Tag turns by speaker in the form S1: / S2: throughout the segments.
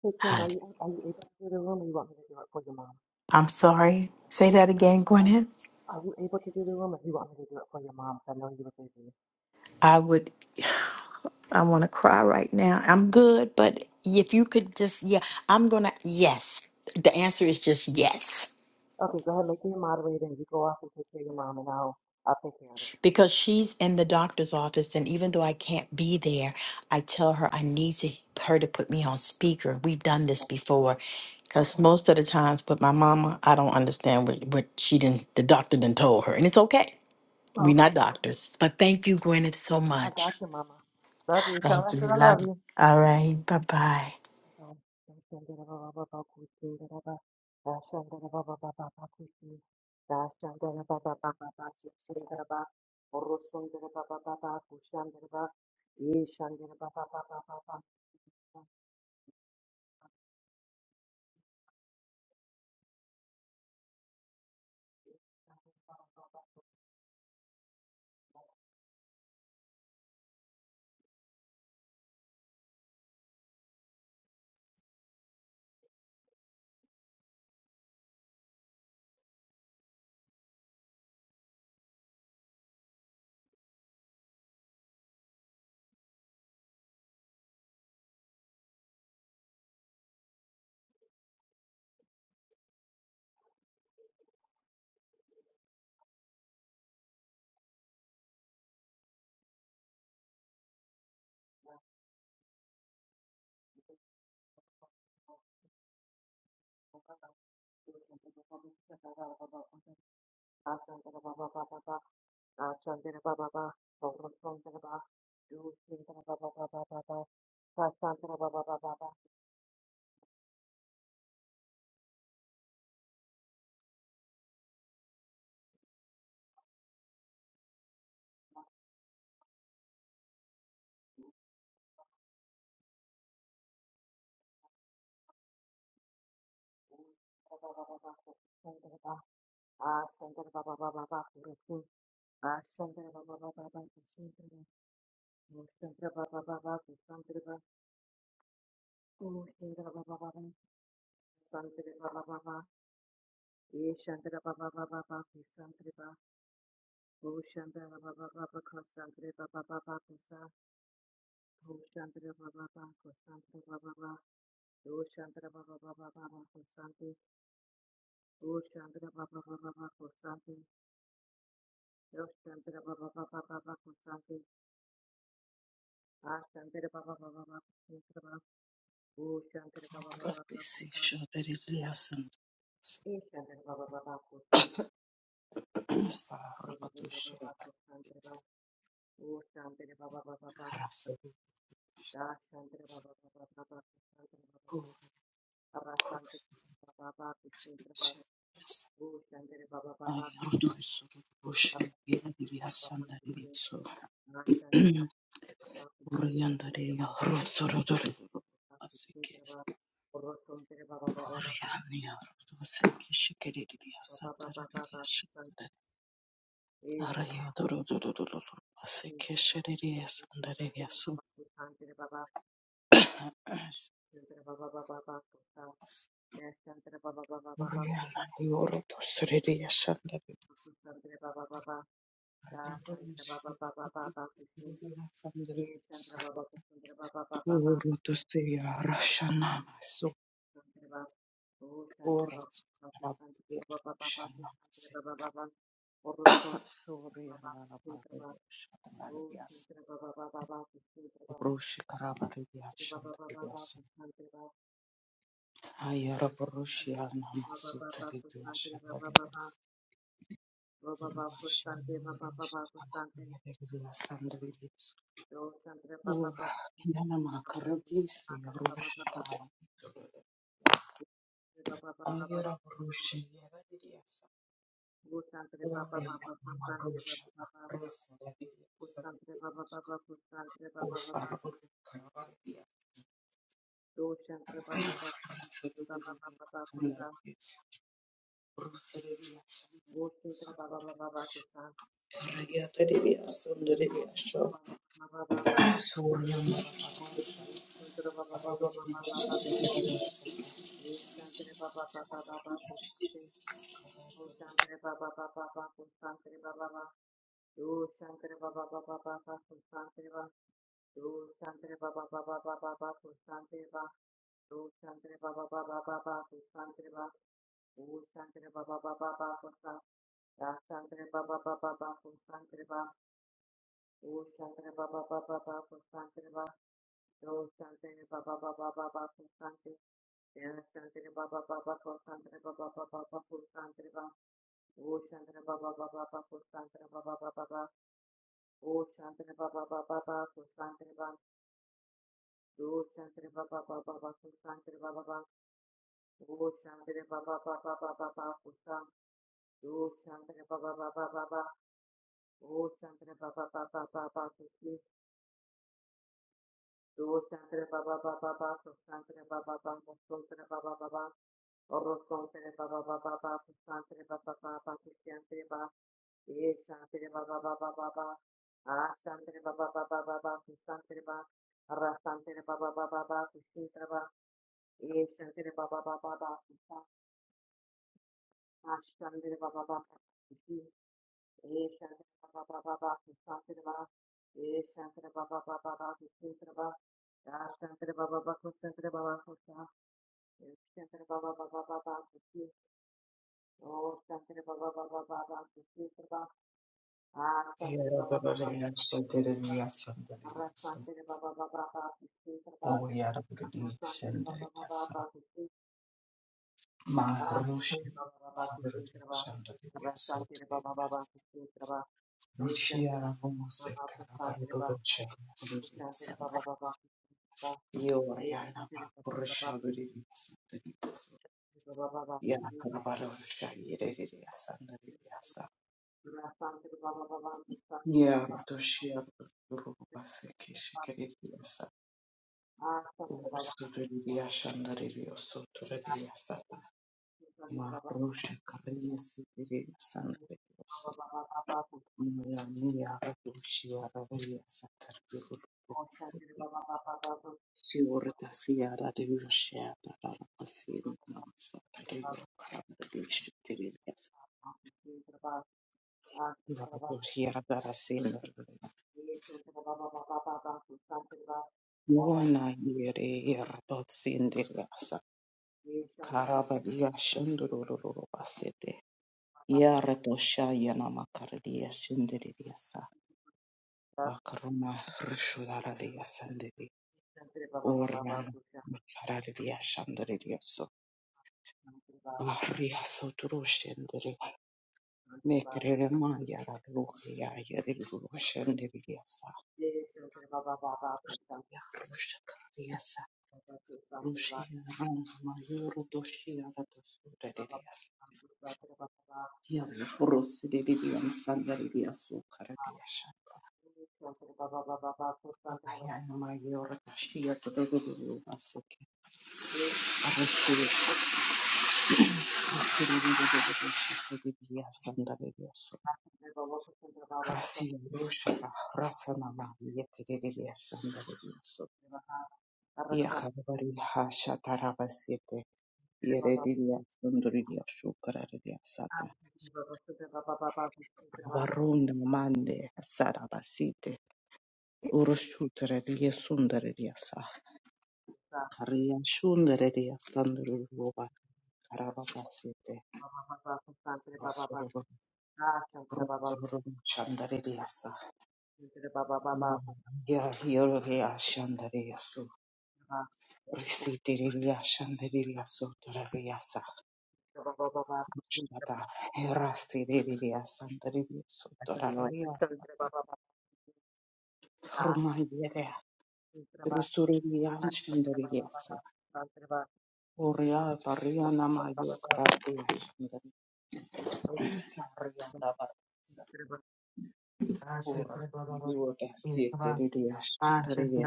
S1: Hey Kim, are you are you able to do the room, or you want me to do it for your mom? Kim, Are you, are you able to do the room, or you want me to do it for your mom? 'Cause I know you were busy.
S2: I would I want to cry right now. I'm good, but if you could just, yeah, I'm going to, yes. The answer is just yes.
S1: Okay, go ahead, make me a moderator, and you go off and take care of your mom, and I'll I'll take care of it.
S2: Because she's in the doctor's office, and even though I can't be there, I tell her I need to, her to put me on speaker. We've done this
S1: Yeah.
S2: before, because
S1: Okay.
S2: most of the times, with my mama, I don't understand what, what she didn't, the doctor didn't told her, and it's okay. We're not
S1: Okay.
S2: doctors, but thank you, Gwyneth, so
S1: I
S2: much.
S1: got you, Mama. Love you. Tell her
S2: Thank
S1: I
S2: you,
S1: said I
S2: love
S1: love
S2: you.
S1: you.
S2: All right, bye bye.
S1: Um, Dashandara Baba Baba Kuchi, Daraba, Dashandara Baba Baba Baba Kuchi, Dashandara Baba Baba Baba Shishandaraba, Orosundara Baba Baba Kushandaraba, Yeshandara Baba Baba Baba. Ashandara Baba Baba Baba, Ashandara Baba Baba, Orosundara Baba, Dusindara Baba Baba Baba, Sasandara Baba Baba Baba, Baba Baba Baba, Ascendere Baba Baba Baba Kurusu. Ascendere Baba Baba Baba Kusindere. Uscendere Baba Baba Kusandere Baba. Uscendere Baba Baba. Sandere Baba Baba. Ishandere Baba Baba Baba Kusandere Baba. Ushandere Baba Baba Baba Kusandere Baba Baba Kusa. Ushandere Baba Baba Kusandere Baba Baba. Ushandere Baba Baba Baba Kusandere. Ushandere Baba Baba Baba Kusandere. Ushandere Baba Baba Baba Kusandere. Ascendere Baba Baba Baba Kusandere. Oh, Shankara Baba Baba Kusan,
S3: Proposition that
S1: E Shankara Baba Baba Kusan, E
S3: and
S1: Baba Baba
S3: Sarabadusha
S1: Baba Kusan, Oh, Shankara Baba Baba Baba Kusan, Da Shankara Baba Baba Baba Kusan, Baba Shankara Baba ah, Baba Kusan, Oh, Shankara Baba
S3: I
S1: Baba
S3: reduce
S1: Kusan,
S3: Russian Elias and
S1: Baba Kusan,
S3: Eliso
S1: Na Shankara Baba Baba Kusan, Kusan, Oh, Shankara Baba Baba Baba Baba Baba
S3: Orianda Rosorotoro Asiki Oriania Rosiki Shikiridia
S1: Kusan,
S3: Santarabia
S1: E
S3: Arayo Dorodoro Asiki
S1: Shankara
S3: Shiridia
S1: Shantere
S3: Sandariasu
S1: Baba Shantere Baba Shantere Baba Baba Baba Kusa Da Shantere Baba Baba Baba
S3: Oriana Yorotos
S1: Kusi
S3: Ridia
S1: Shantere Baba Baba Da Shantere Baba Baba Baba Kusi E Shantere Baba Kusantere Baba Baba Baba Shantere Baba O Shantere Baba Kusantere Baba Baba Baba Shantere Baba Baba Orson Baba Shantere Baba O Shantere Baba Baba Baba Shantere Baba Shantere Baba Baba Baba Shantara Baba Baba
S3: Ora, yana makara visi ya rusha Ayora Rusha Yadidasa Ore Mama Rusha Rasa Yadidasa Osara Karavadia Rasururi Tulabis Rusuria Rayatadia Sundaria Show Surya Ayora
S1: Santre Baba Baba Baba Santre O Santre Baba Baba Baba Santre Baba Baba O Santre Baba Baba Baba Santre Baba O Santre Baba Baba Baba Baba Santre Baba O Santre Baba Baba Baba Santre Baba O Santre Baba Baba Baba Santre Baba Santre Baba Baba Santre Baba O Santre Baba Baba Baba Santre Baba Do something ba ba ba ba ba ba do something. Dana Shantri Baba Baba Kosantri Baba Baba Baba Kosantri Baba O Shantri Baba Baba for something Baba Kosantri Baba Baba for something Baba O Shantri Baba Oh something Baba Baba Kosantri Baba Do Shantri Baba Baba Baba Kosantri Baba Baba O Shantri Baba Baba Baba Baba Kosam Do Shantri Baba Baba Baba O Shantri Baba Baba Baba Kosi Do Shantri Baba Baba Baba Kosantri Baba Baba Kosantri Baba Baba Oro santere ba ba ba ba ba, santere ba ba ba ba, santere ba, ye santere ba ba ba ba ba ba, ah santere ba ba ba ba ba ba, santere ba, ra santere ba ba ba ba ba, santere ba, ye santere ba ba ba ba ba, ah santere ba ba ba ba, ye santere ba ba ba ba ba, santere ba, ye santere ba ba ba ba ba, santere ba, ah santere ba ba ba, santere ba ba ba ba, santere ba ba ba ba ba ba, Oh, Shantre Baba Baba Baba, Shantre Baba, Ah, Shantre Baba Baba,
S3: Rusha Yadidasa
S1: Shantre Baba,
S3: Sundaria
S1: Ah,
S3: Show
S1: Shantre Baba Baba Baba, Shantre Baba,
S3: Oyara
S1: Ah, Shantre Baba Baba
S3: Rudia
S1: Baba, Shantre Ah,
S3: Marusha
S1: Shantre Baba Baba,
S3: Sandra
S1: Shantre Baba,
S3: Sandra
S1: Ah, Shantre Baba Baba,
S3: Sutras
S1: Shantre Baba, Eh,
S3: Rushia
S1: Shantre
S3: Ramose
S1: Baba Baba, Shantre
S3: Carabardo
S1: Baba,
S3: Rocha
S1: Oh, Shantre
S3: Sandra
S1: Baba Baba, Shantre Baba, Eh,
S3: Yorana
S1: Shantre Baba Baba, Baba Baba, Shantre Baba, Ah, Shantre Baba Baba, Shantre Baba,
S3: Rusha Sandra Ya Carabarosha Yereria Sandra Ya Rotoshia Rubase Kishikariasa
S1: Shantre Ah, Shantre
S3: Sutria Shandario
S1: Baba.
S3: Sutria Sata
S1: Baba
S3: Marusha Karia Sandra
S1: Baba Baba Baba
S3: Gloria sotroshendere mekerere mandara gloria yere roshendere yasa ya rosha yasa rushia rana mayoro doshia rato sudere yasa ya prosidere yam sandere yasu karadia shana ayana mayoro doshia todoro baseke arasue akirere doshia yasa sandere yasu
S1: Baba
S3: Россия, Russia, Rasana, Yeteria,
S1: Baba,
S3: Yakabari hasha tarabasete yerediria sunduridia shukararia sata varunda mande sarabasite urushutraria sundararia sa karia shundararia sanduruba karabasite vasururu ruturu chandararia sa mama ya yoria shandaria su risitiria shandaria su Shada erasi ririya sandariya sotorariya sata rumayere rusuriya shandariya se oriya variya namayo karatu shandariya variya davarisa ora yoga siete ririya shandariya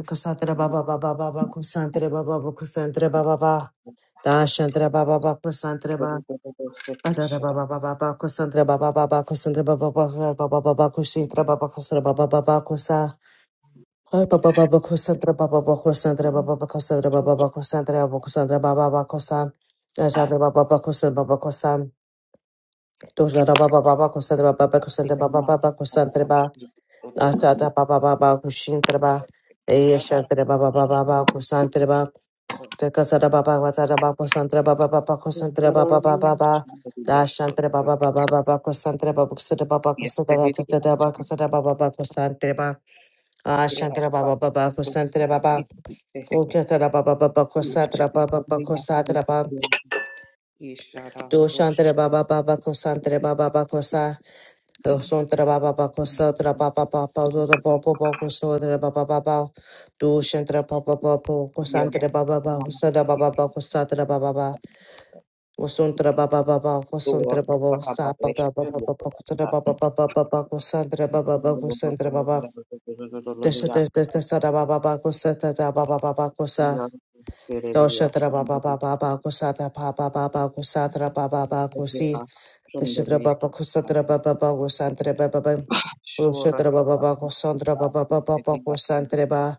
S1: Kusantre baba baba baba kusantre baba baba kusantre baba baba dashantre baba baba kusantre baba
S3: sotorariya sete
S1: Adara
S3: shada
S1: baba baba baba kusantre baba baba kusantre baba baba baba baba kusantre baba kusantre baba baba kusa Hoy baba baba kusantre baba baba kusantre baba baba kusantre baba baba kusantre baba kusantre baba baba kusa Dashantre baba baba kusantre baba kusa Doshara baba baba kusantre baba baba kusantre
S3: ririya
S1: baba
S3: ma
S1: baba kusantre
S3: kadavashi
S1: baba
S3: ririya sa
S1: Ashtada baba baba kusantre baba
S3: yada
S1: Yeshantre baba baba
S3: rusuriya
S1: baba kusantre baba Takasara baba watara baba santra baba baba kosantra baba baba baba
S3: shandariya
S1: dashantra baba
S3: sotorariya
S1: baba baba kosantra baba kusara baba
S3: sete
S1: kosantra tatara
S3: ririya
S1: baba kosara baba baba kosantra baba
S3: care
S1: ashantra
S3: about
S1: baba baba kosantra baba
S3: it.
S1: ukasara baba baba
S3: You shut
S1: kosantra
S3: up,
S1: baba baba
S3: we have to
S1: kosantra baba
S3: do it. You shut up, Rosh.
S1: doshantra baba baba kosantra baba baba kosa dosantra baba baba kosantra baba baba baba baba kosantra baba baba doshantra baba baba
S3: Yeah,
S1: kosantra baba baba
S3: Mama,
S1: kusara baba
S3: yeah.
S1: baba kosantra baba Wasundra baba baba
S3: Or
S1: wasundra baba
S3: Baba,
S1: sapa
S3: they
S1: da
S3: share
S1: baba
S3: with
S1: baba kusundra baba baba baba kusundra baba baba kusundra baba
S3: us.
S1: desha desha desha da baba baba kusata da baba baba kusa dosha da baba baba baba kusa da baba baba kusatra baba baba kusi desha da baba kusatra baba baba kusandra baba baba
S3: Sure.
S1: kusatra baba baba kusandra baba baba baba kusandra baba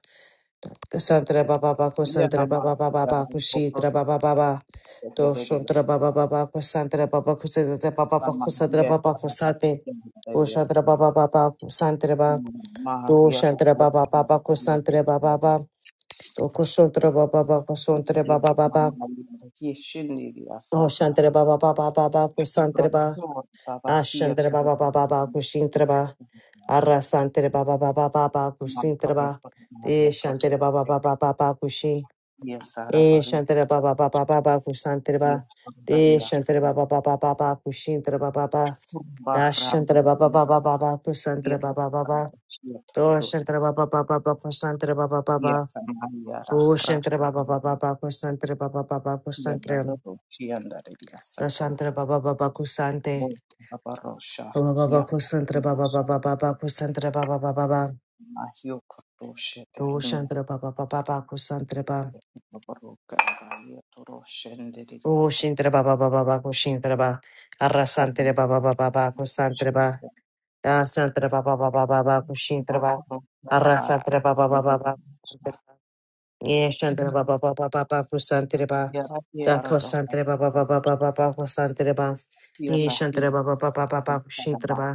S1: kusandra baba
S3: Yeah,
S1: kusantre baba kusandra
S3: Mama,
S1: baba baba kushi baba baba
S3: yeah,
S1: Doshantra Baba Baba Kusantra Baba Kusantra Baba Baba
S3: Rama
S1: Kusantra
S3: Maria
S1: Baba Kusate
S3: Maria
S1: Doshantra Baba Baba Kusantra Baba
S3: Maha
S1: Doshantra Baba Baba Kusantra Baba Baba Kusantra Baba Baba
S3: Maria Maria Sata
S1: Kusantra Baba Baba Doshantra Baba Baba Baba Kusantra Baba
S3: Brashor Tabasia
S1: Ashantra Baba Baba Baba Kushintra Baba
S3: Yasa
S1: Arasantra Baba Baba Baba
S3: Mam
S1: Kusintra
S3: Kapro
S1: Baba
S3: Maria
S1: Deshantra Baba
S3: Tornaya
S1: Baba Baba Kushi
S3: Yasa
S1: E
S3: Rabari
S1: shantara ba ba ba ba ba ba kusantara ba.
S3: Yes
S1: De
S3: Maria
S1: shantara ba ba ba ba ba ba kushintara ba ba ba. Da
S3: Bahram
S1: shantara ba ba
S3: Yes
S1: ba ba ba ba kusantara
S3: Yes
S1: ba ba ba ba.
S3: Yes
S1: Do
S3: Tados
S1: shantara ba ba ba ba ba kusantara ba ba ba ba.
S3: Yes Maria
S1: Bu
S3: Rahra
S1: shantara ba ba ba
S3: Yes
S1: ba ba kusantara ba ba ba ba kusantara.
S3: Tados Yes
S1: Da
S3: Tados
S1: shantara ba ba ba ba kusante.
S3: Old Barosha,
S1: Ba ba ba ba
S3: Yap,
S1: kusantara ba ba ba
S3: Mahio
S1: ba ba ba kusantara ba ba ba ba ba.
S3: Kotoshe,
S1: Do
S3: Terni,
S1: shantara ba ba ba ba ba kusantara ba.
S3: Baroka, Toroshe, and
S1: O
S3: Diriasa,
S1: shintara ba ba ba ba ba kushintara ba. Arrasantara ba ba ba ba ba kusantara ba. Ah, santra ba ba ba ba ba ba kushintra ba arra
S3: Rokabat,
S1: santra ba ba ba ba ba santra ba ba ba ba ba ba ba kusantra ba
S3: Yaraki
S1: da
S3: Arado,
S1: kusantra ba ba ba ba ba ba ba kusantra ba ye santra
S3: Yavahia,
S1: ba ba ba ba ba ba kushintra
S3: Adama,
S1: ba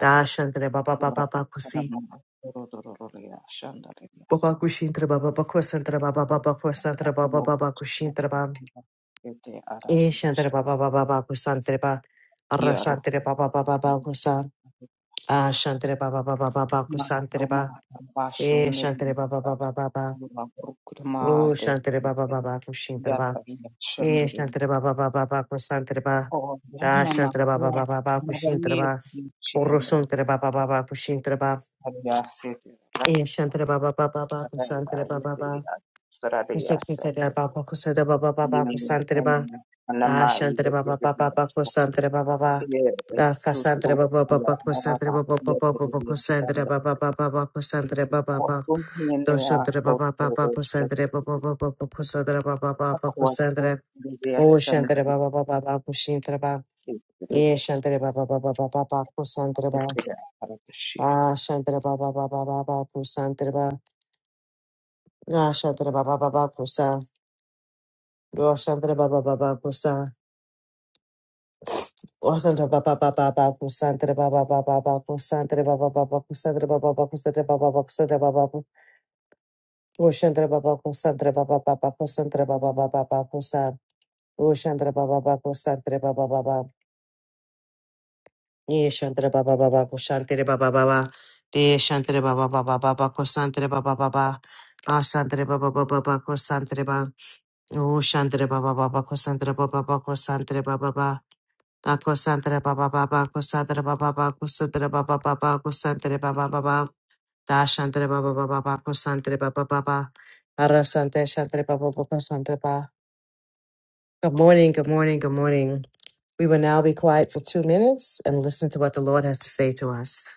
S1: da santra ba ba ba
S3: Ura,
S1: ba ba kusi
S3: Adama, Rodoria,
S1: ba ba
S3: Shandariaso,
S1: kushintra ba ba ba kusantra ba ba ba ba kusantra ba ba
S3: Akio,
S1: ba ba kushintra ba
S3: Ete
S1: ye
S3: Aradia,
S1: santra ba ba ba ba ba kusantra ba arra
S3: Yaro,
S1: santra ba ba ba ba ba kusa ah santra ba ba ba ba ba ba kusantra ba
S3: Maroma
S1: ye
S3: bashunde
S1: santra
S3: mata
S1: ba ba ba
S3: yuma kurma
S1: Oh,
S3: de
S1: Shantara Baba Baba
S3: ya
S1: Kushintara Ba.
S3: tabiya
S1: Eh,
S3: shandure
S1: Shantara Baba Baba Baba Kusantara Ba.
S3: o
S1: Da
S3: yana
S1: Shantara Baba
S3: mahua
S1: Baba Baba
S3: na
S1: Kushintara
S3: bayi
S1: Ba.
S3: kuchi andare
S1: Orosuntara Baba Baba Kushintara Ba.
S3: ya sete la
S1: Eh, Shantara Baba Baba Baba Kusantara
S3: ya
S1: Baba
S3: ya
S1: Ba.
S3: ya sarare ya sete
S1: Kusekutara Baba Kusada Baba Baba
S3: yin
S1: Kusantara
S3: en
S1: Ba. Da
S3: anama
S1: Shantara
S3: ile de
S1: Baba Baba Baba
S3: ya
S1: Kusantara Baba Ba.
S3: ile
S1: Da Kasantara
S3: sutu
S1: Baba
S3: ya
S1: Baba Kusantara
S3: maraba
S1: Baba Baba
S3: ya
S1: Baba
S3: kurbi
S1: Kusantara
S3: sande
S1: Baba Baba Baba Kusantara Baba
S3: ko
S1: Ba.
S3: kun ne
S1: Do
S3: ya
S1: Shantara Baba
S3: sotu de
S1: Baba
S3: shete
S1: Kusantara Baba Baba Baba Kusantara Baba Baba
S3: akwa ko
S1: Kusantara
S3: de
S1: Oh,
S3: ya
S1: Shantara Baba Baba Baku Shantara Baba. Yeah, Shantara Baba Baba Baba Baku Shantara Baba. Ah, Shantara Baba Baba Baba Baku Baba. Ah, Shantara Baba Baba Baku Sa. Oh, Shantara Baba Baba Baku Sa. Oh, Shantara Baba Baba Baku Shantara Baba Baba Baku Shantara Baba Baba Baku Shantara Baba Baku Shantara Baba Baku Shantara Baba Baku. Oh, Shantara Baba Baku Shantara Baba Baba Baku Shantara Baba Baba Baku Sa. Oh, Shantara Baba Baku Shantara Baba Baba. Ye Shantara Baba Baba Kushantere Baba Baba De Shantere Baba Baba Baba Kosantere Baba Baba Ashantere Baba Baba Baba Kosantere Baba O Shantere Baba Baba Kosantere Baba Baba Kosantere Baba Baba Da Kosantere Baba Baba Kosantere Baba Baba Kosantere Baba Baba Kosantere Baba Baba Da Shantere Baba Baba Baba Kosantere Baba Baba Arasante Shantere Baba Baba Kosantere Baba Good morning, good morning, good morning. We will now be quiet for two minutes and listen to what the Lord has to say to us.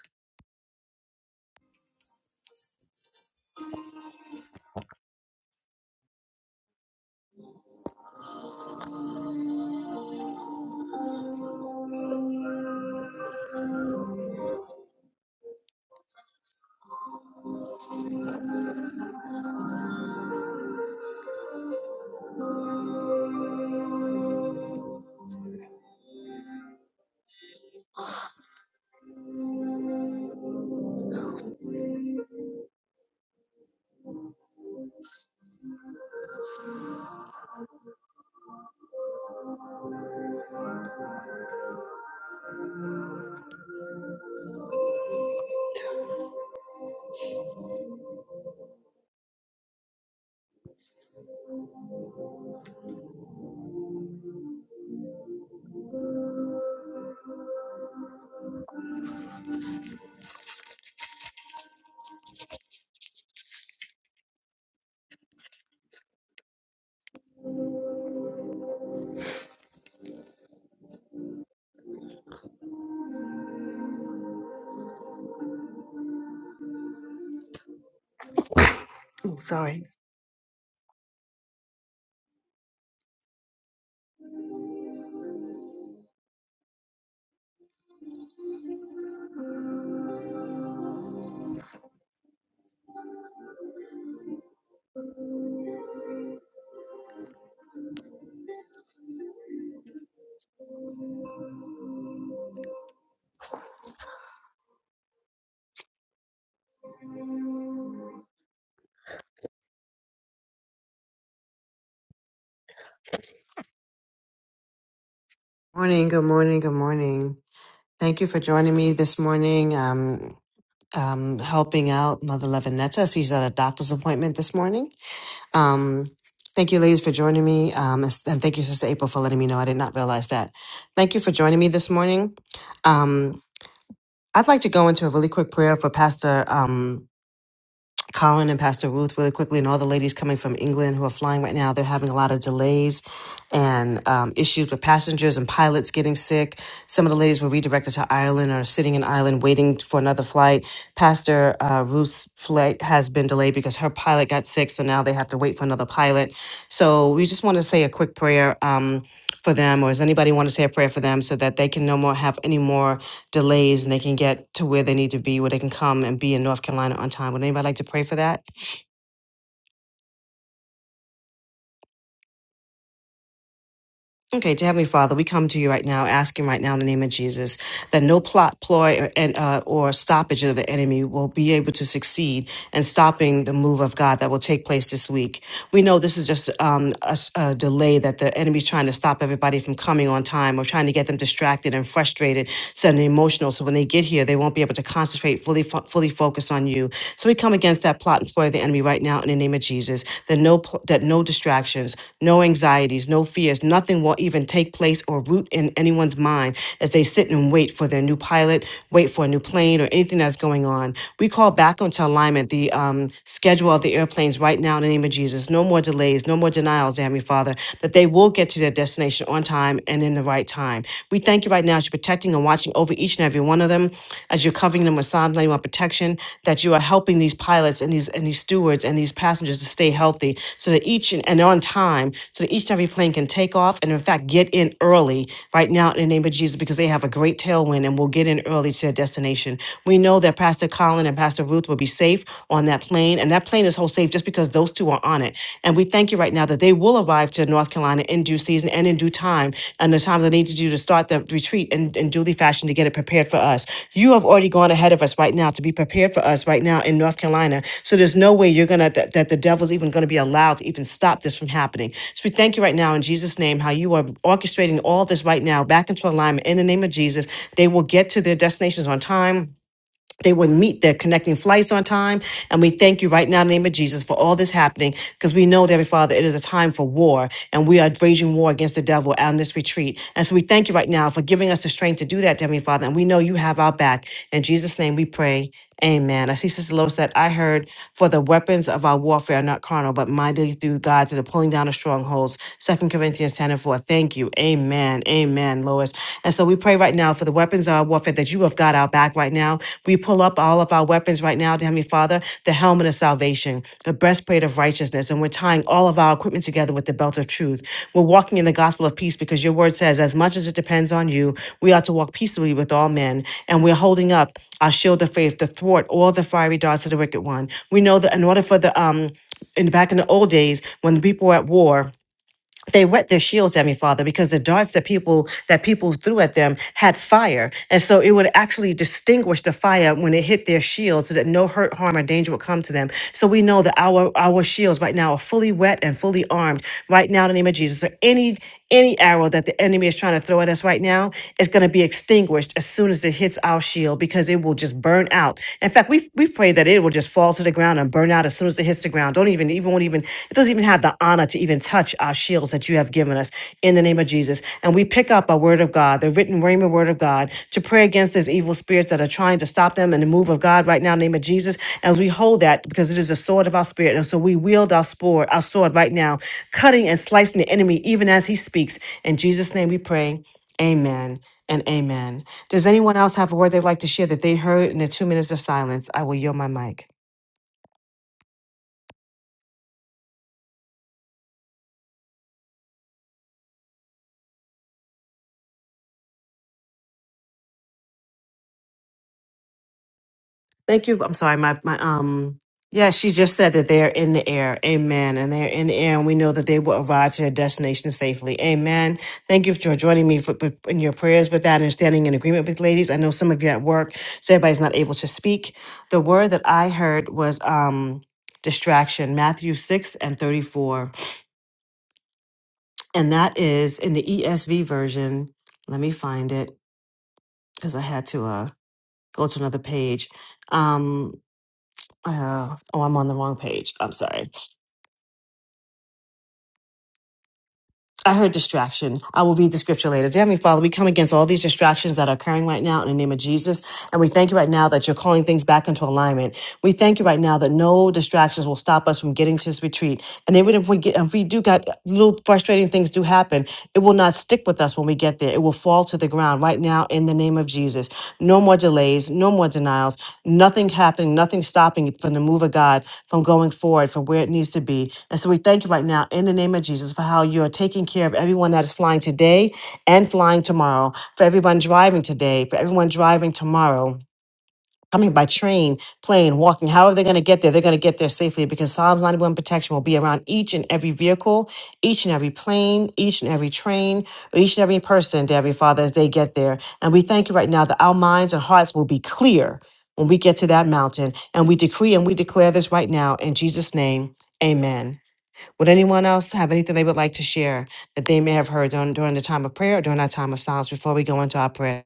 S1: Morning, good morning, good morning. Thank you for joining me this morning. Um, um, helping out Mother Levinetta. She's at a doctor's appointment this morning. Um, thank you, ladies, for joining me. Um, and thank you, Sister April, for letting me know. I did not realize that. Thank you for joining me this morning. Um, I'd like to go into a really quick prayer for Pastor. Um, Colin and Pastor Ruth really quickly, and all the ladies coming from England who are flying right now. They're having a lot of delays and um, issues with passengers and pilots getting sick. Some of the ladies were redirected to Ireland or sitting in Ireland waiting for another flight. Pastor uh, Ruth's flight has been delayed because her pilot got sick, so now they have to wait for another pilot. So we just want to say a quick prayer um, for them, or does anybody want to say a prayer for them so that they can no more have any more? delays and they can get to where they need to be, where they can come and be in North Carolina on time. Would anybody like to pray for that? Okay, to Heavenly Father, we come to you right now, asking right now in the name of Jesus that no plot, ploy, or, and, uh, or stoppage of the enemy will be able to succeed in stopping the move of God that will take place this week. we know this is just um, a, s- a delay that the enemy's trying to stop everybody from coming on time or trying to get them distracted and frustrated, suddenly emotional. So when they get here, they won't be able to concentrate, fully fo- fully focus on you. So we come against that plot and ploy of the enemy right now in the name of Jesus. That no pl- that no distractions, no anxieties, no fears, nothing will even take place or root in anyone's mind as they sit and wait for their new pilot, wait for a new plane or anything that's going on. We call back into alignment the um, schedule schedule of the airplanes right now in the name of Jesus. No more delays, no more denials, dear Heavenly Father, that they will get to their destination on time and in the right time. We thank you right now as you're protecting and watching over each and every one of them, as you're covering them with Psalm 91 protection, that you are helping these pilots and these and these stewards and these passengers to stay healthy so that each and, and on time, so that each and every plane can take off and in fact get in early right now in the name of Jesus because they have a great tailwind and will get in early to their destination. We know that Pastor Colin and Pastor Ruth Ruth will be safe on that plane. And that plane is hold safe just because those two are on it. And we thank you right now that they will arrive to North Carolina in due season and in due time and the time they need to do to start the retreat in, in duly fashion to get it prepared for us. You have already gone ahead of us right now to be prepared for us right now in North Carolina. So there's no way you're going to, that, that the devil's even going to be allowed to even stop this from happening. So we thank you right now in Jesus' name, how you are orchestrating all this right now back into alignment in the name of Jesus. They will get to their destinations on time they would meet their connecting flights on time. And we thank you right now in the name of Jesus for all this happening because we know, dear Father, it is a time for war and we are waging war against the devil on this retreat. And so we thank you right now for giving us the strength to do that, Heavenly Father. And we know you have our back. In Jesus' name we pray. Amen. I see Sister Lois said, I heard, for the weapons of our warfare are not carnal, but mighty through God to the pulling down of strongholds. Second Corinthians 10 and 4. Thank you. Amen. Amen, Lois. And so we pray right now for the weapons of our warfare that you have got our back right now. We pull up all of our weapons right now, dear Heavenly Father, the helmet of salvation the breastplate of righteousness, and we're tying all of our equipment together with the belt of truth. We're walking in the gospel of peace because your word says, as much as it depends on you, we ought to walk peaceably with all men. And we're holding up our shield of faith to thwart all the fiery darts of the wicked one. We know that in order for the um in back in the old days when the people were at war they wet their shields at me, Father, because the darts that people that people threw at them had fire, and so it would actually distinguish the fire when it hit their shield, so that no hurt, harm, or danger would come to them. So we know that our our shields right now are fully wet and fully armed right now in the name of Jesus. So any any arrow that the enemy is trying to throw at us right now is going to be extinguished as soon as it hits our shield, because it will will just burn out. In fact, we we pray that it will just fall to the ground and burn out as soon as it hits the ground. Don't even even won't even it doesn't even have the honor to even touch our shields that you have given us in the name of Jesus. And we pick up a word of God, the written rhema word of God, to pray against those evil spirits that are trying to stop them in the move of God right now, in the name of Jesus. And we hold that because it is a sword of our spirit. And so we wield our sword, our sword right now, cutting and slicing the enemy even as he speaks. In Jesus' name we pray. Amen and amen. Does anyone else have a word they'd like to share that they heard in the two minutes of silence? I will yield my mic. Thank you. I'm sorry. My, my, um, yeah, she just said that they're in the air. Amen. And they're in the air, and we know that they will arrive to their destination safely. Amen. Thank you for joining me for, for- in your prayers with that and standing in agreement with ladies. I know some of you at work, so everybody's not able to speak. The word that I heard was, um, distraction, Matthew 6 and 34. And that is in the ESV version. Let me find it because I had to, uh, go to another page. Um, Uh, oh, I'm on the wrong page. I'm sorry. I heard distraction. I will read the scripture later. Dear Heavenly Father, we come against all these distractions that are occurring right now in the name of Jesus. And we thank you right now that you're calling things back into alignment. We thank you right now that no distractions will stop us from getting to this retreat. And even if we get, if we do got little frustrating things do happen, it will not stick with with us when we get there. It will fall to the ground right now in the name of Jesus. No more delays, no more denials, nothing happening, nothing stopping from the move of God from going forward from where it needs to be. And so we thank you right now in the name of Jesus for how you are taking care of everyone that is flying today and flying tomorrow, for everyone driving today, for everyone driving tomorrow coming by train, plane, walking, how are they going to get there? They're going to get there safely because Psalms 91 protection will be around each and every vehicle, each and every plane, each and every train, or each and every person, dear Heavenly Father, as they get there. And we thank you right now that our minds and hearts will be clear when we get to that mountain. And we decree and we declare this right now in Jesus' name. Amen. Would anyone else have anything they would like to share that they may have heard during, during the time of prayer or during our time of silence before we go into our prayer?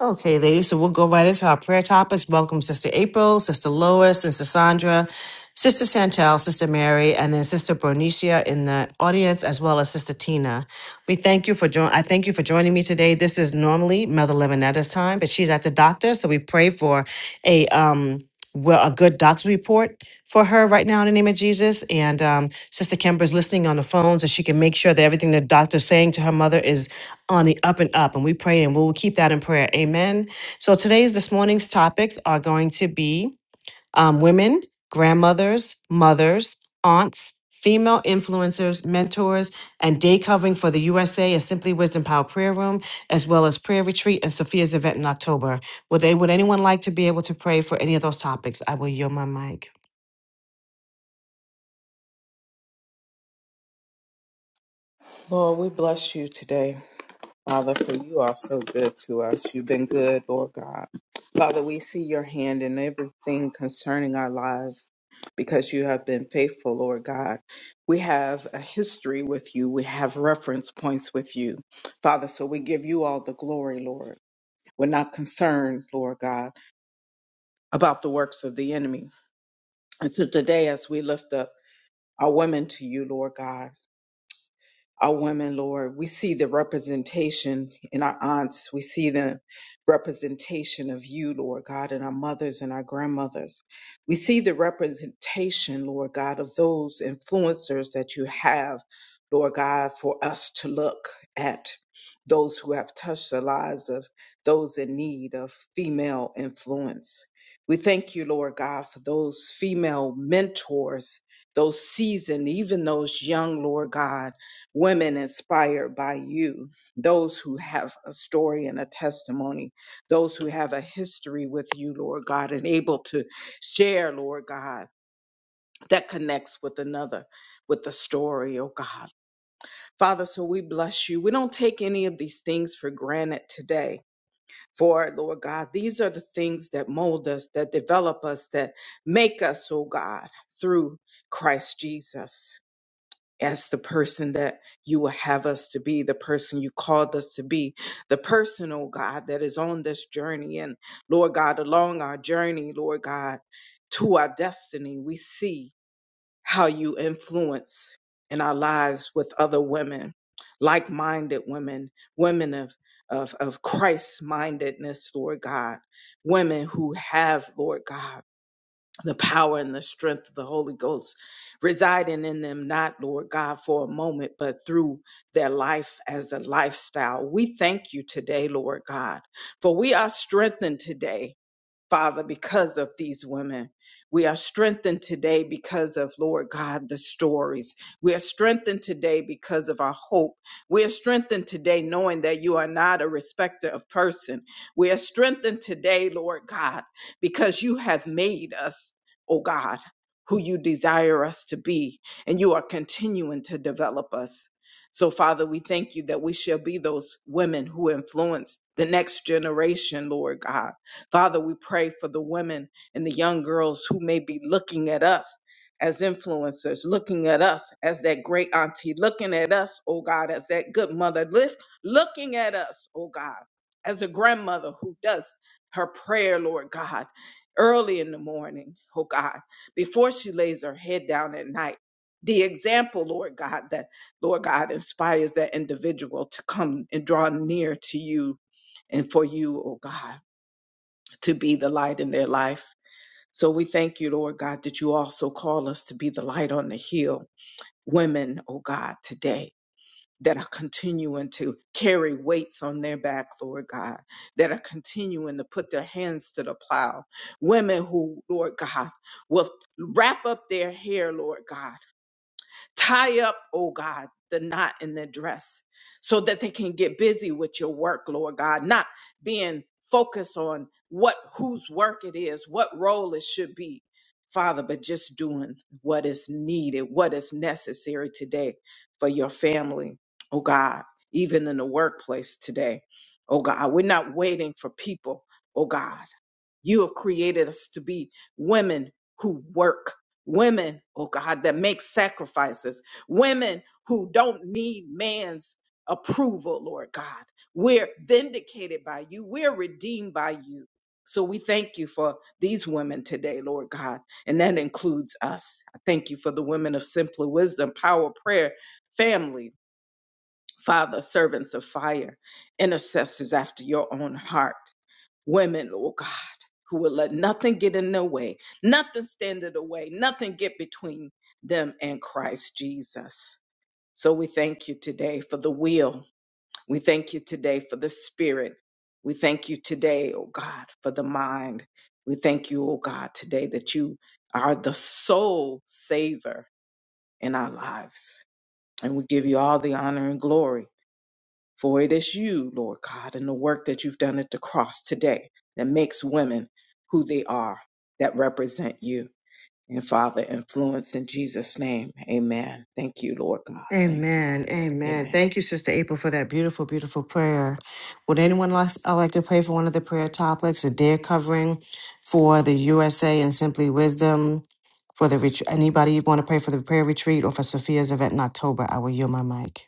S1: Okay, ladies, so we'll go right into our prayer topics. Welcome, Sister April, Sister Lois, Sister Sandra, Sister Chantel, Sister Mary, and then Sister Bernicia in the audience, as well as Sister Tina. We thank you for join. I thank you for joining me today. This is normally Mother Levinetta's time, but she's at the doctor, so we pray for a um well a good doctor's report for her right now in the name of Jesus. And um, Sister Kimber's listening on the phone, so she can make sure that everything the doctor's saying to her mother is on the up and up. And we pray and we'll keep that in prayer. Amen. So today's, this morning's topics are going to be um, women, grandmothers, mothers, aunts, female influencers, mentors, and day covering for the USA and Simply Wisdom Power Prayer Room, as well as prayer retreat and Sophia's event in October. Would, they, would anyone like to be able to pray for any of those topics? I will yield my mic.
S3: Lord, we bless you today, Father, for you are so good to us. You've been good, Lord God. Father, we see your hand in everything concerning our lives because you have been faithful, Lord God. We have a history with you, we have reference points with you, Father, so we give you all the glory, Lord. We're not concerned, Lord God, about the works of the enemy. And so today, as we lift up our women to you, Lord God, our women, Lord. We see the representation in our aunts. We see the representation of you, Lord God, in our mothers and our grandmothers. We see the representation, Lord God, of those influencers that you have, Lord God, for us to look at. Those who have touched the lives of those in need of female influence. We thank you, Lord God, for those female mentors, those seasoned, even those young, Lord God women inspired by you, those who have a story and a testimony, those who have a history with you, Lord God, and able to share, Lord God, that connects with another, with the story, oh God. Father, so we bless you. We don't take any of these things for granted today. For, Lord God, these are the things that mold us, that develop us, that make us, oh God, through Christ Jesus as the person that you will have us to be, the person you called us to be, the person, oh God, that is on this journey. And Lord God, along our journey, Lord God, to our destiny, we see how you influence in our lives with other women, like minded women, women of of, of Christ mindedness, Lord God, women who have, Lord God, the power and the strength of the Holy Ghost residing in them, not, Lord God, for a moment, but through their life as a lifestyle. We thank you today, Lord God, for we are strengthened today. Father, because of these women. We are strengthened today because of, Lord God, the stories. We are strengthened today because of our hope. We are strengthened today knowing that you are not a respecter of person. We are strengthened today, Lord God, because you have made us, oh God, who you desire us to be, and you are continuing to develop us. So, Father, we thank you that we shall be those women who influence the next generation, Lord God Father, we pray for the women and the young girls who may be looking at us as influencers, looking at us as that great auntie, looking at us, oh God, as that good mother, lift, looking at us, oh God, as a grandmother who does her prayer, Lord God, early in the morning, oh God, before she lays her head down at night. The example, Lord God, that Lord God inspires that individual to come and draw near to you and for you, oh God to be the light in their life. So we thank you, Lord God, that you also call us to be the light on the hill. Women, oh God, today that are continuing to carry weights on their back, Lord God, that are continuing to put their hands to the plow. Women who, Lord God, will wrap up their hair, Lord God Tie up, oh God, the knot in their dress so that they can get busy with your work, Lord God, not being focused on what whose work it is, what role it should be, Father, but just doing what is needed, what is necessary today for your family, oh God, even in the workplace today. Oh God, we're not waiting for people, oh God. You have created us to be women who work, women, oh God, that make sacrifices, women who don't need man's approval, Lord God. We're vindicated by you, we're redeemed by you. So we thank you for these women today, Lord God, and that includes us. I thank you for the women of Simply Wisdom, Power, Prayer, Family, Father, servants of fire, intercessors after your own heart women, Lord God, who will let nothing get in their way, nothing stand in the way, nothing get between them and Christ Jesus. So we thank you today for the will. We thank you today for the spirit. We thank you today, oh God, for the mind. We thank you, oh God, today that you are the sole saver in our lives. And we give you all the honor and glory. For it is you, Lord God, and the work that you've done at the cross today that makes women who they are, that represent you. And Father, influence in Jesus' name. Amen. Thank you, Lord God. Thank you.
S1: Amen. Amen.
S3: Amen.
S1: Thank you, Sister April, for that beautiful, beautiful prayer. Would anyone like, uh, like to pray for one of the prayer topics A they covering for the USA and Simply Wisdom? For the retreat. anybody want to pray for the prayer retreat or for Sophia's event in October, I will yield my mic.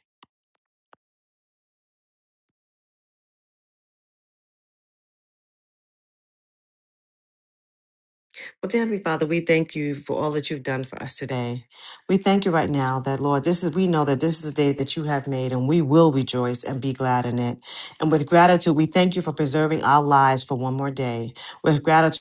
S1: Well, dear Heavenly Father, we thank you for all that you've done for us today. We thank you right now that Lord, this is we know that this is a day that you have made, and we will rejoice and be glad in it. And with gratitude, we thank you for preserving our lives for one more day. With gratitude.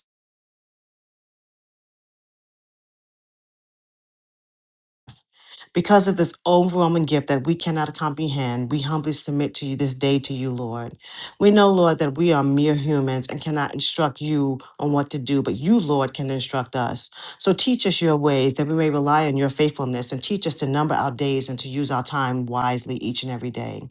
S1: Because of this overwhelming gift that we cannot comprehend, we humbly submit to you this day to you, Lord. We know, Lord, that we are mere humans and cannot instruct you on what to do, but you, Lord, can instruct us. So teach us your ways that we may rely on your faithfulness and teach us to number our days and to use our time wisely each and every day.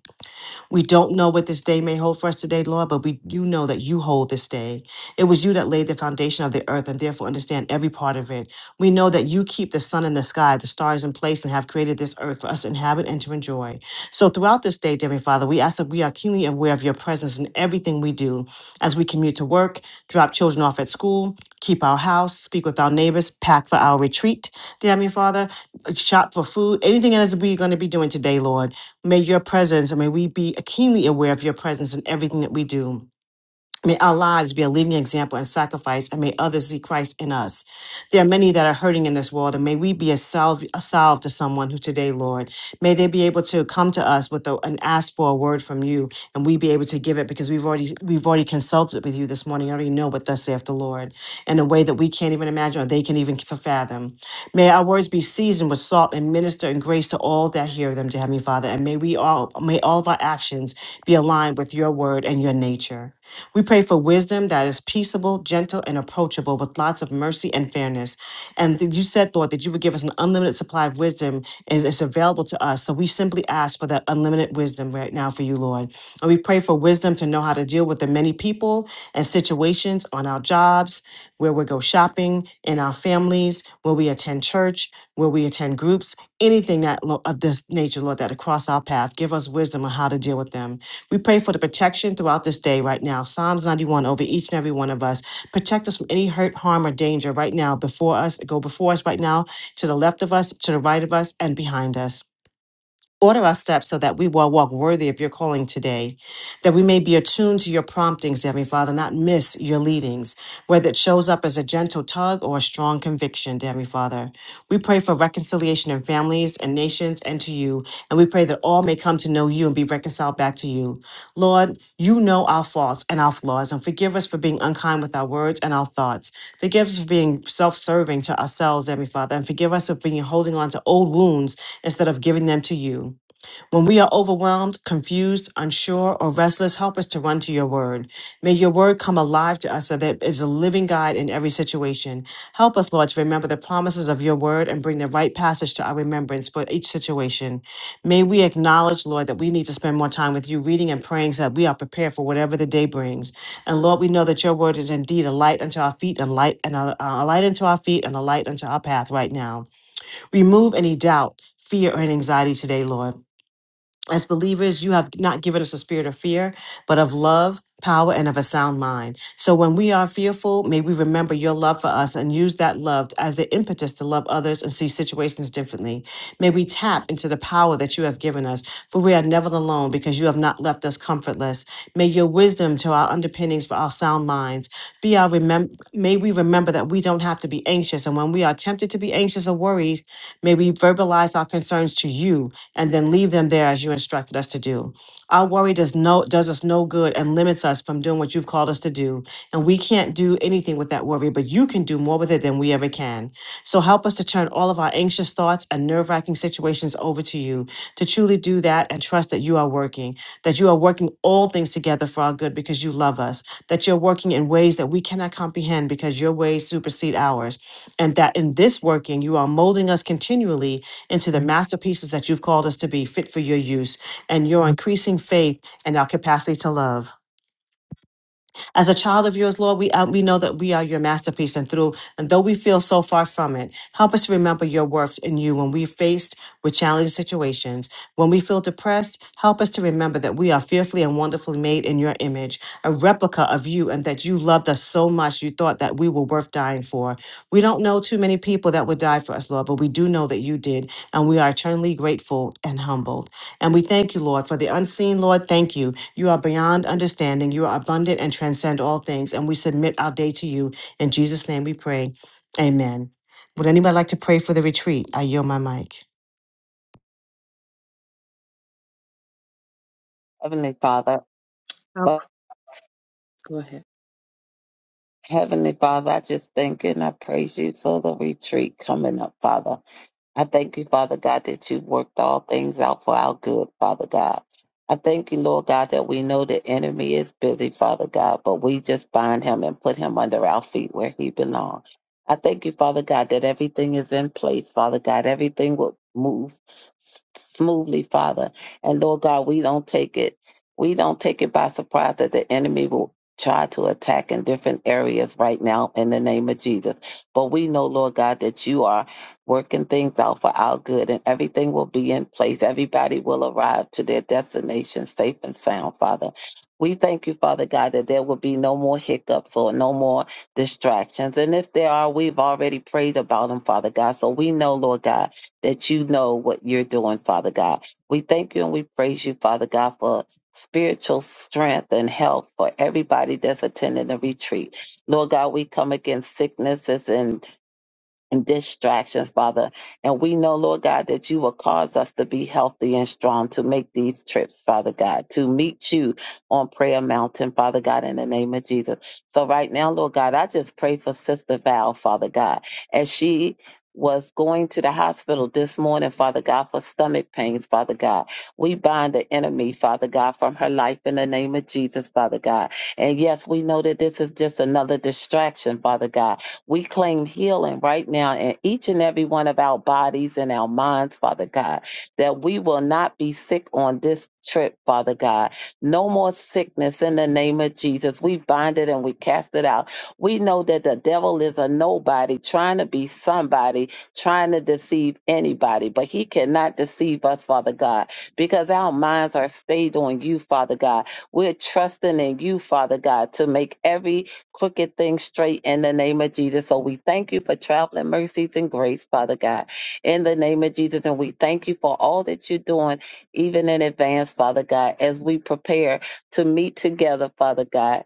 S1: We don't know what this day may hold for us today, Lord, but we do know that you hold this day. It was you that laid the foundation of the earth and therefore understand every part of it. We know that you keep the sun in the sky, the stars in place, and have created this earth for us to inhabit and to enjoy. So throughout this day, dear Heavenly Father, we ask that we are keenly aware of your presence in everything we do as we commute to work, drop children off at school, keep our house, speak with our neighbors, pack for our retreat, dear Heavenly Father, shop for food, anything else is we're going to be doing today, Lord. May your presence, and may we be keenly aware of your presence in everything that we do. May our lives be a living example and sacrifice, and may others see Christ in us. There are many that are hurting in this world, and may we be a salve, a salve to someone who today, Lord, may they be able to come to us with a, and ask for a word from you, and we be able to give it because we've already we've already consulted with you this morning. I already know what thus saith the Lord in a way that we can't even imagine or they can even fathom. May our words be seasoned with salt and minister and grace to all that hear them, dear Heavenly Father, and may we all may all of our actions be aligned with your word and your nature. We pray for wisdom that is peaceable, gentle, and approachable with lots of mercy and fairness. And that you said, Lord, that you would give us an unlimited supply of wisdom and it's available to us. So we simply ask for that unlimited wisdom right now for you, Lord. And we pray for wisdom to know how to deal with the many people and situations on our jobs, where we go shopping, in our families, where we attend church, where we attend groups, anything that lo- of this nature, Lord, that across our path, give us wisdom on how to deal with them. We pray for the protection throughout this day right now. Psalms 91 over each and every one of us. Protect us from any hurt, harm, or danger right now before us. Go before us right now, to the left of us, to the right of us, and behind us. Order our steps so that we will walk worthy of your calling today, that we may be attuned to your promptings, Heavenly Father, not miss your leadings whether it shows up as a gentle tug or a strong conviction, dear Heavenly Father. We pray for reconciliation in families and nations and to you, and we pray that all may come to know you and be reconciled back to you. Lord, you know our faults and our flaws, and forgive us for being unkind with our words and our thoughts. Forgive us for being self serving to ourselves, dear Heavenly Father, and forgive us for being holding on to old wounds instead of giving them to you. When we are overwhelmed, confused, unsure, or restless, help us to run to your word. May your word come alive to us so that it is a living guide in every situation. Help us, Lord, to remember the promises of your word and bring the right passage to our remembrance for each situation. May we acknowledge, Lord, that we need to spend more time with you reading and praying so that we are prepared for whatever the day brings. And Lord, we know that your word is indeed a light unto our feet and light and a, a light unto our feet and a light unto our path right now. Remove any doubt, fear, or anxiety today, Lord as believers, you have not given us a spirit of fear, but of love, power, and of a sound mind. So when we are fearful, may we remember your love for us and use that love as the impetus to love others and see situations differently. May we tap into the power that you have given us, for we are never alone because you have not left us comfortless. May your wisdom to our underpinnings for our sound minds be our remem- may we remember that we don't have to be anxious and when we are tempted to be anxious or worried, may we verbalize our concerns to you and then leave them there as you instructed us to do. Our worry does no does us no good and limits us from doing what you've called us to do. And we can't do anything with that worry, but you can do more with it than we ever can. So help us to turn all of our anxious thoughts and nerve-wracking situations over to you, to truly do that and trust that you are working, that you are working all things together for our good because you love us, that you're working in ways that we cannot comprehend because your ways supersede ours. And that in this working, you are molding us continually into the masterpieces that you've called us to be fit for your use and your increasing faith and our capacity to love. As a child of yours, Lord, we, uh, we know that we are your masterpiece, and through and though we feel so far from it, help us to remember your worth in you when we're faced with challenging situations. When we feel depressed, help us to remember that we are fearfully and wonderfully made in your image, a replica of you, and that you loved us so much you thought that we were worth dying for. We don't know too many people that would die for us, Lord, but we do know that you did, and we are eternally grateful and humbled. And we thank you, Lord, for the unseen, Lord. Thank you you are beyond understanding. You are abundant and transcend all things. And we submit our day to you. In Jesus' name we pray. Amen. Would anybody like to pray for the retreat? I yield my mic.
S4: Heavenly Father,
S3: I'll
S4: well,
S3: go ahead.
S4: Heavenly Father, I just thank you and I praise you for the retreat coming up, Father. I thank you, Father God, that you worked all things out for our good, Father God. I thank you, Lord God, that we know the enemy is busy, Father God, but we just bind him and put him under our feet where he belongs. I thank you, Father God, that everything is in place, Father God. Everything will move s- smoothly, Father. And Lord God, we don't take it, we don't take it by surprise that the enemy will try to attack in different areas right now in the name of Jesus. But we know, Lord God, that you are working things out for our good, and everything will be in place. Everybody will arrive to their destination safe and sound, Father. We thank you, Father God, that there will be no more hiccups or no more distractions. And if there are, we've already prayed about them, Father God. So we know, Lord God, that you know what you're doing, Father God. We thank you and we praise you, Father God, for spiritual strength and health for everybody that's attending the retreat. Lord God, we come against sicknesses and and distractions, Father. And we know, Lord God, that you will cause us to be healthy and strong to make these trips, Father God, to meet you on Prayer Mountain, Father God, in the name of Jesus. So right now, Lord God, I just pray for Sister Val, Father God, as she was going to the hospital this morning, Father God, for stomach pains, Father God. We bind the enemy, Father God, from her life in the name of Jesus, Father God. And yes, we know that this is just another distraction, Father God we claim healing right now in each and every one of our bodies and our minds, Father God, that we will not be sick on this trip, Father God. No more sickness in the name of Jesus. We bind it and we cast it out. We know that the devil is a nobody trying to be somebody, trying to deceive anybody, but he cannot deceive us, Father God, because our minds are stayed on you, Father God. We're trusting in you, Father God, to make every crooked things straight in the name of Jesus. So we thank you for traveling mercies and grace, Father God, in the name of Jesus. And we thank you for all that you're doing, even in advance, Father God, as we prepare to meet together, Father God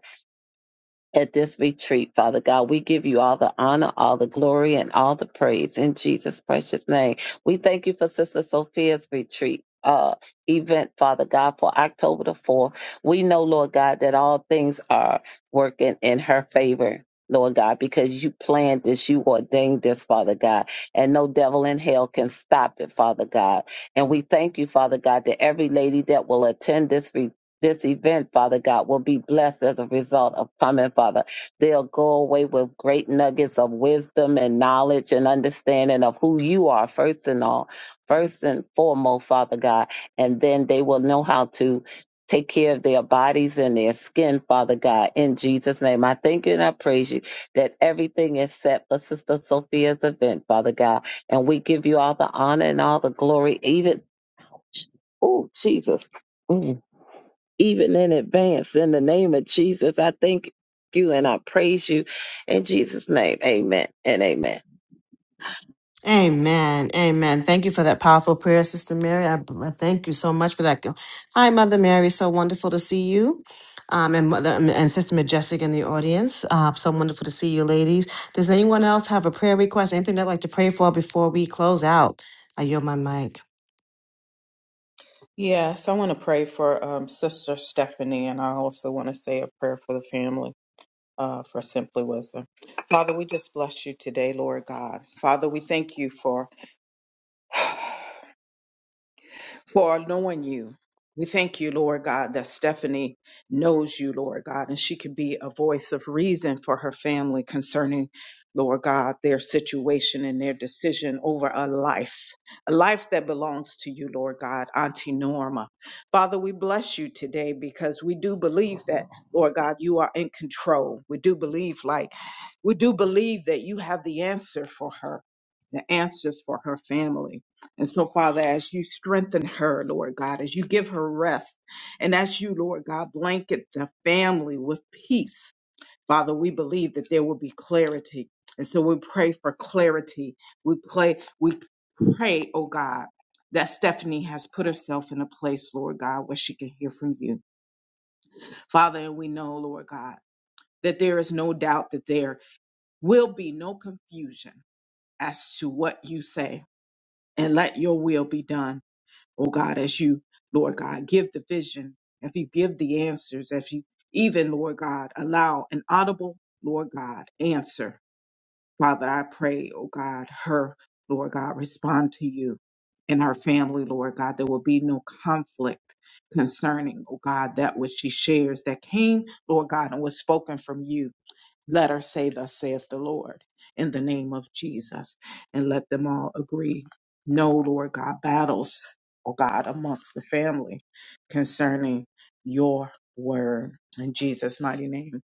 S4: at this retreat, Father God. We give you all the honor, all the glory, and all the praise in Jesus' precious name. We thank you for Sister Sophia's retreat. Uh, event, Father God, for October the 4th. We know, Lord God, that all things are working in her favor, Lord God, because you planned this, you ordained this, Father God, and no devil in hell can stop it, Father God. And we thank you, Father God, that every lady that will attend this retreat this event, Father God, will be blessed as a result of coming, Father. They'll go away with great nuggets of wisdom and knowledge and understanding of who you are, first and all, first and foremost, Father God. And then they will know how to take care of their bodies and their skin, Father God. In Jesus' name, I thank you and I praise you that everything is set for Sister Sophia's event, Father God. And we give you all the honor and all the glory, even, oh, Jesus. Mm even in advance. In the name of Jesus, I thank you and I praise you. In Jesus' name, amen and amen.
S1: Amen. Amen. Thank you for that powerful prayer, Sister Mary. I, I thank you so much for that. Hi, Mother Mary. So wonderful to see you. Um, and Mother um, and Sister Majestic in the audience. Uh, so wonderful to see you, ladies. Does anyone else have a prayer request? Anything they'd like to pray for before we close out? I yield my mic.
S3: Yes, I want to pray for um, Sister Stephanie, and I also want to say a prayer for the family uh, for Simply Wisdom. Father, we just bless you today, Lord God. Father, we thank you for for knowing you. We thank you, Lord God, that Stephanie knows you, Lord God, and she can be a voice of reason for her family concerning, Lord God, their situation and their decision over a life, a life that belongs to you, Lord God, Auntie Norma. Father, we bless you today because we do believe that, Lord God, you are in control. We do believe, like, we do believe that you have the answer for her, the answers for her family. And so, Father, as you strengthen her, Lord God, as you give her rest, and as you, Lord God, blanket the family with peace, Father, we believe that there will be clarity. And so we pray for clarity. We pray, we pray, oh God, that Stephanie has put herself in a place, Lord God, where she can hear from you. Father, and we know, Lord God, that there is no doubt that there will be no confusion as to what you say. And let your will be done. oh God, as you, Lord God, give the vision, if you give the answers, if you even, Lord God, allow an audible, Lord God, answer. Father, I pray, oh God, her, Lord God, respond to you and her family, Lord God. There will be no conflict concerning, oh God, that which she shares that came, Lord God, and was spoken from you. Let her say, Thus saith the Lord, in the name of Jesus. And let them all agree. No, Lord God, battles, oh God, amongst the family concerning your word. In Jesus' mighty name,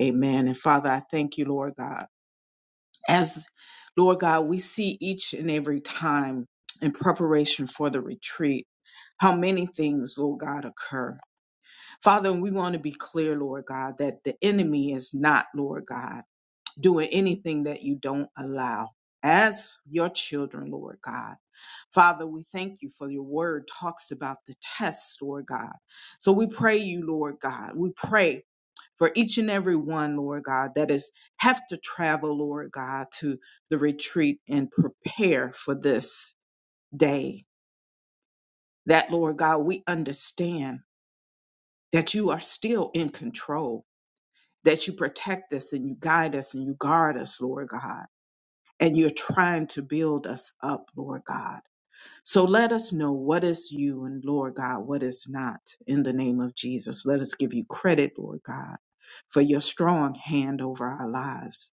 S3: amen. And Father, I thank you, Lord God. As Lord God, we see each and every time in preparation for the retreat how many things, Lord God, occur. Father, we want to be clear, Lord God, that the enemy is not, Lord God doing anything that you don't allow as your children, Lord God. Father, we thank you for your word talks about the tests, Lord God. So we pray you, Lord God. We pray for each and every one, Lord God, that is have to travel, Lord God, to the retreat and prepare for this day. That, Lord God, we understand that you are still in control, that you protect us and you guide us and you guard us, Lord God and you're trying to build us up, Lord God. So let us know what is you and, Lord God, what is not in the name of Jesus. Let us give you credit, Lord God, for your strong hand over our lives.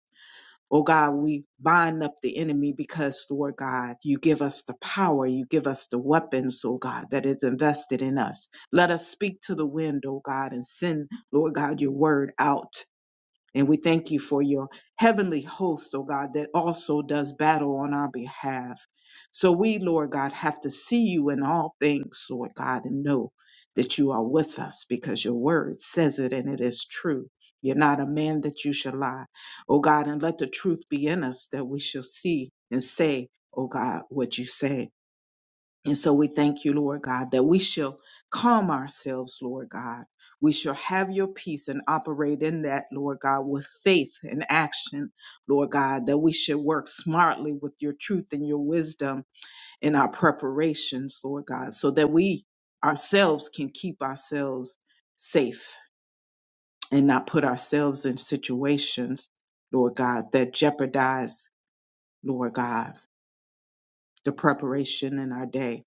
S3: Oh God, we bind up the enemy because, Lord God, you give us the power, you give us the weapons, oh God, that is invested in us. Let us speak to the wind, oh God, and send, Lord God, your word out and we thank you for your heavenly host, oh God, that also does battle on our behalf. So we, Lord God, have to see you in all things, Lord God, and know that you are with us because your word says it and it is true. You're not a man that you shall lie. Oh God, and let the truth be in us that we shall see and say, oh God, what you say. And so we thank you, Lord God, that we shall calm ourselves, Lord God. We shall have your peace and operate in that, Lord God, with faith and action, Lord God, that we should work smartly with your truth and your wisdom in our preparations, Lord God, so that we ourselves can keep ourselves safe and not put ourselves in situations, Lord God, that jeopardize, Lord God, the preparation in our day.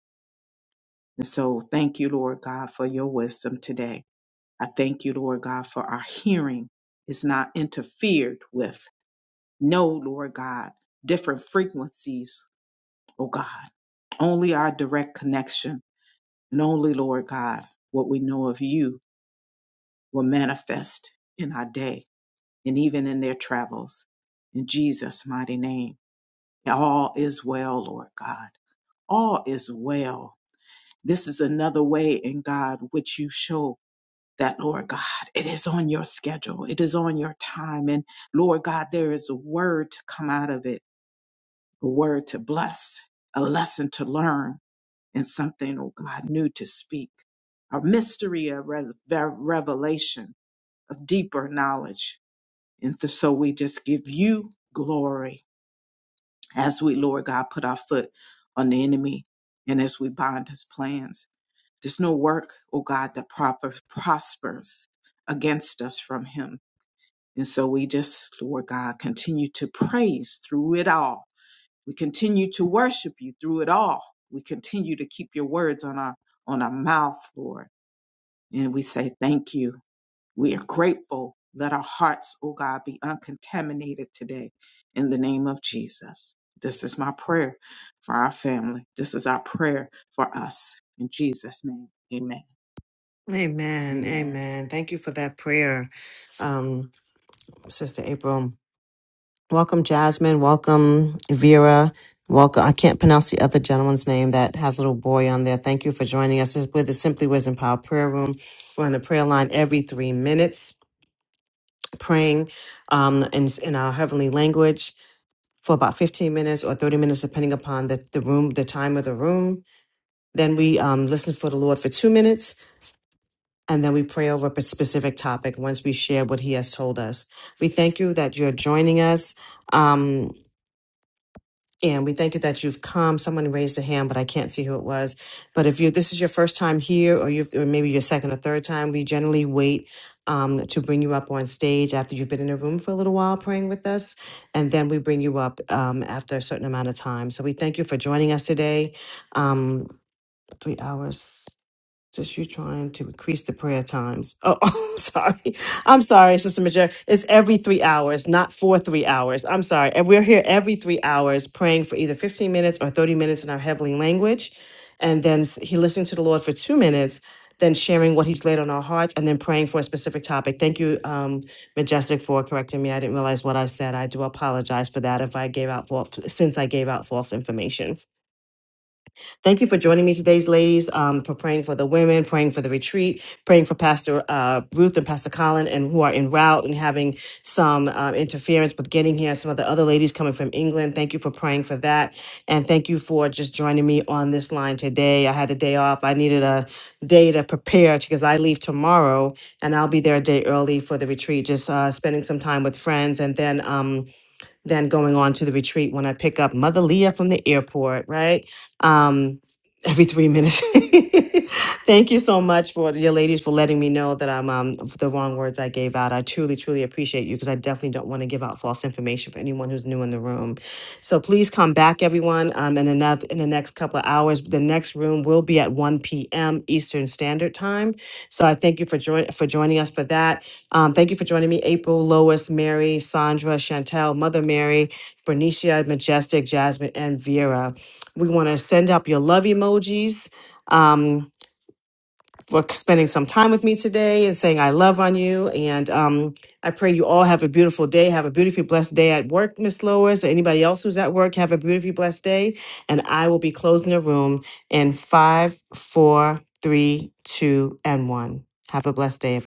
S3: And so thank you, Lord God, for your wisdom today. I thank you, Lord God, for our hearing is not interfered with. No, Lord God, different frequencies, oh God, only our direct connection and only, Lord God, what we know of you will manifest in our day and even in their travels. In Jesus' mighty name, all is well, Lord God. All is well. This is another way in God which you showed. that, Lord God, it is on your schedule, it is on your time. And Lord God, there is a word to come out of it, a word to bless, a lesson to learn, and something, oh God, new to speak, a mystery of res- ver- revelation, of deeper knowledge. And th- so we just give you glory as we, Lord God, put our foot on the enemy and as we bind his plans. There's no work, oh God, that proper prospers against us from him And so we just, Lord God, continue to praise through it all. We continue to worship you through it all. We continue to keep your words on our on our mouth, Lord. And we say thank you. We are grateful. Let our hearts, oh God, be uncontaminated today in the name of Jesus. This is my prayer for our family. This is our prayer for us. In Jesus' name. Amen.
S1: Amen.
S3: Amen.
S1: Amen. Thank you for that prayer, um, Sister April. Welcome, Jasmine. Welcome, Vera. Welcome. I can't pronounce the other gentleman's name that has a little boy on there. Thank you for joining us. This is with the Simply Wisdom Power Prayer Room. We're on the prayer line every three minutes, praying um, in, in our heavenly language for about 15 minutes or 30 minutes, depending upon the, the room, the time of the room. Then we um, listen for the Lord for two minutes and then we pray over a specific topic once we share what he has told us. We thank you that you're joining us. Um, and we thank you that you've come. Someone raised a hand, but I can't see who it was. But if you this is your first time here, or you or maybe your second or third time, we generally wait um, to bring you up on stage after you've been in a room for a little while praying with us, and then we bring you up um, after a certain amount of time. So we thank you for joining us today. Um, three hours. Just you trying to increase the prayer times. Oh, I'm sorry. I'm sorry, Sister Major. It's every three hours, not for three hours. I'm sorry. And we're here every three hours praying for either 15 minutes or 30 minutes in our heavenly language. And then s- he listening to the Lord for two minutes, then sharing what he's laid on our hearts, and then praying for a specific topic. Thank you, um, Majestic, for correcting me. I didn't realize what I said. I do apologize for that if I gave out false, since I gave out false information. Thank you for joining me today, ladies, um, for praying for the women, praying for the retreat, praying for Pastor uh, Ruth and Pastor Colin, and who are en route and having some um, interference with getting here. Some of the other ladies coming from England. Thank you for praying for that. And thank you for just joining me on this line today. I had a day off. I needed a day to prepare because I leave tomorrow and I'll be there a day early for the retreat, just uh, spending some time with friends. And then, um, then going on to the retreat when I pick up Mother Leah from the airport, right? Um, every three minutes. Thank you so much for your ladies for letting me know that I'm um, the wrong words I gave out. I truly, truly appreciate you because I definitely don't want to give out false information for anyone who's new in the room. So please come back, everyone. Um, in another in the next couple of hours, the next room will be at 1 p.m. Eastern Standard Time. So I thank you for join for joining us for that. Um, thank you for joining me, April, Lois, Mary, Sandra, Chantel, Mother Mary, Bernicia, Majestic, Jasmine, and Vera. We want to send up your love emojis um, for spending some time with me today and saying I love on you. And um, I pray you all have a beautiful day. Have a beautifully blessed day at work, Miss Lois, or anybody else who's at work. Have a beautifully blessed day. And I will be closing the room in five, four, three, two, and one. Have a blessed day. everyone.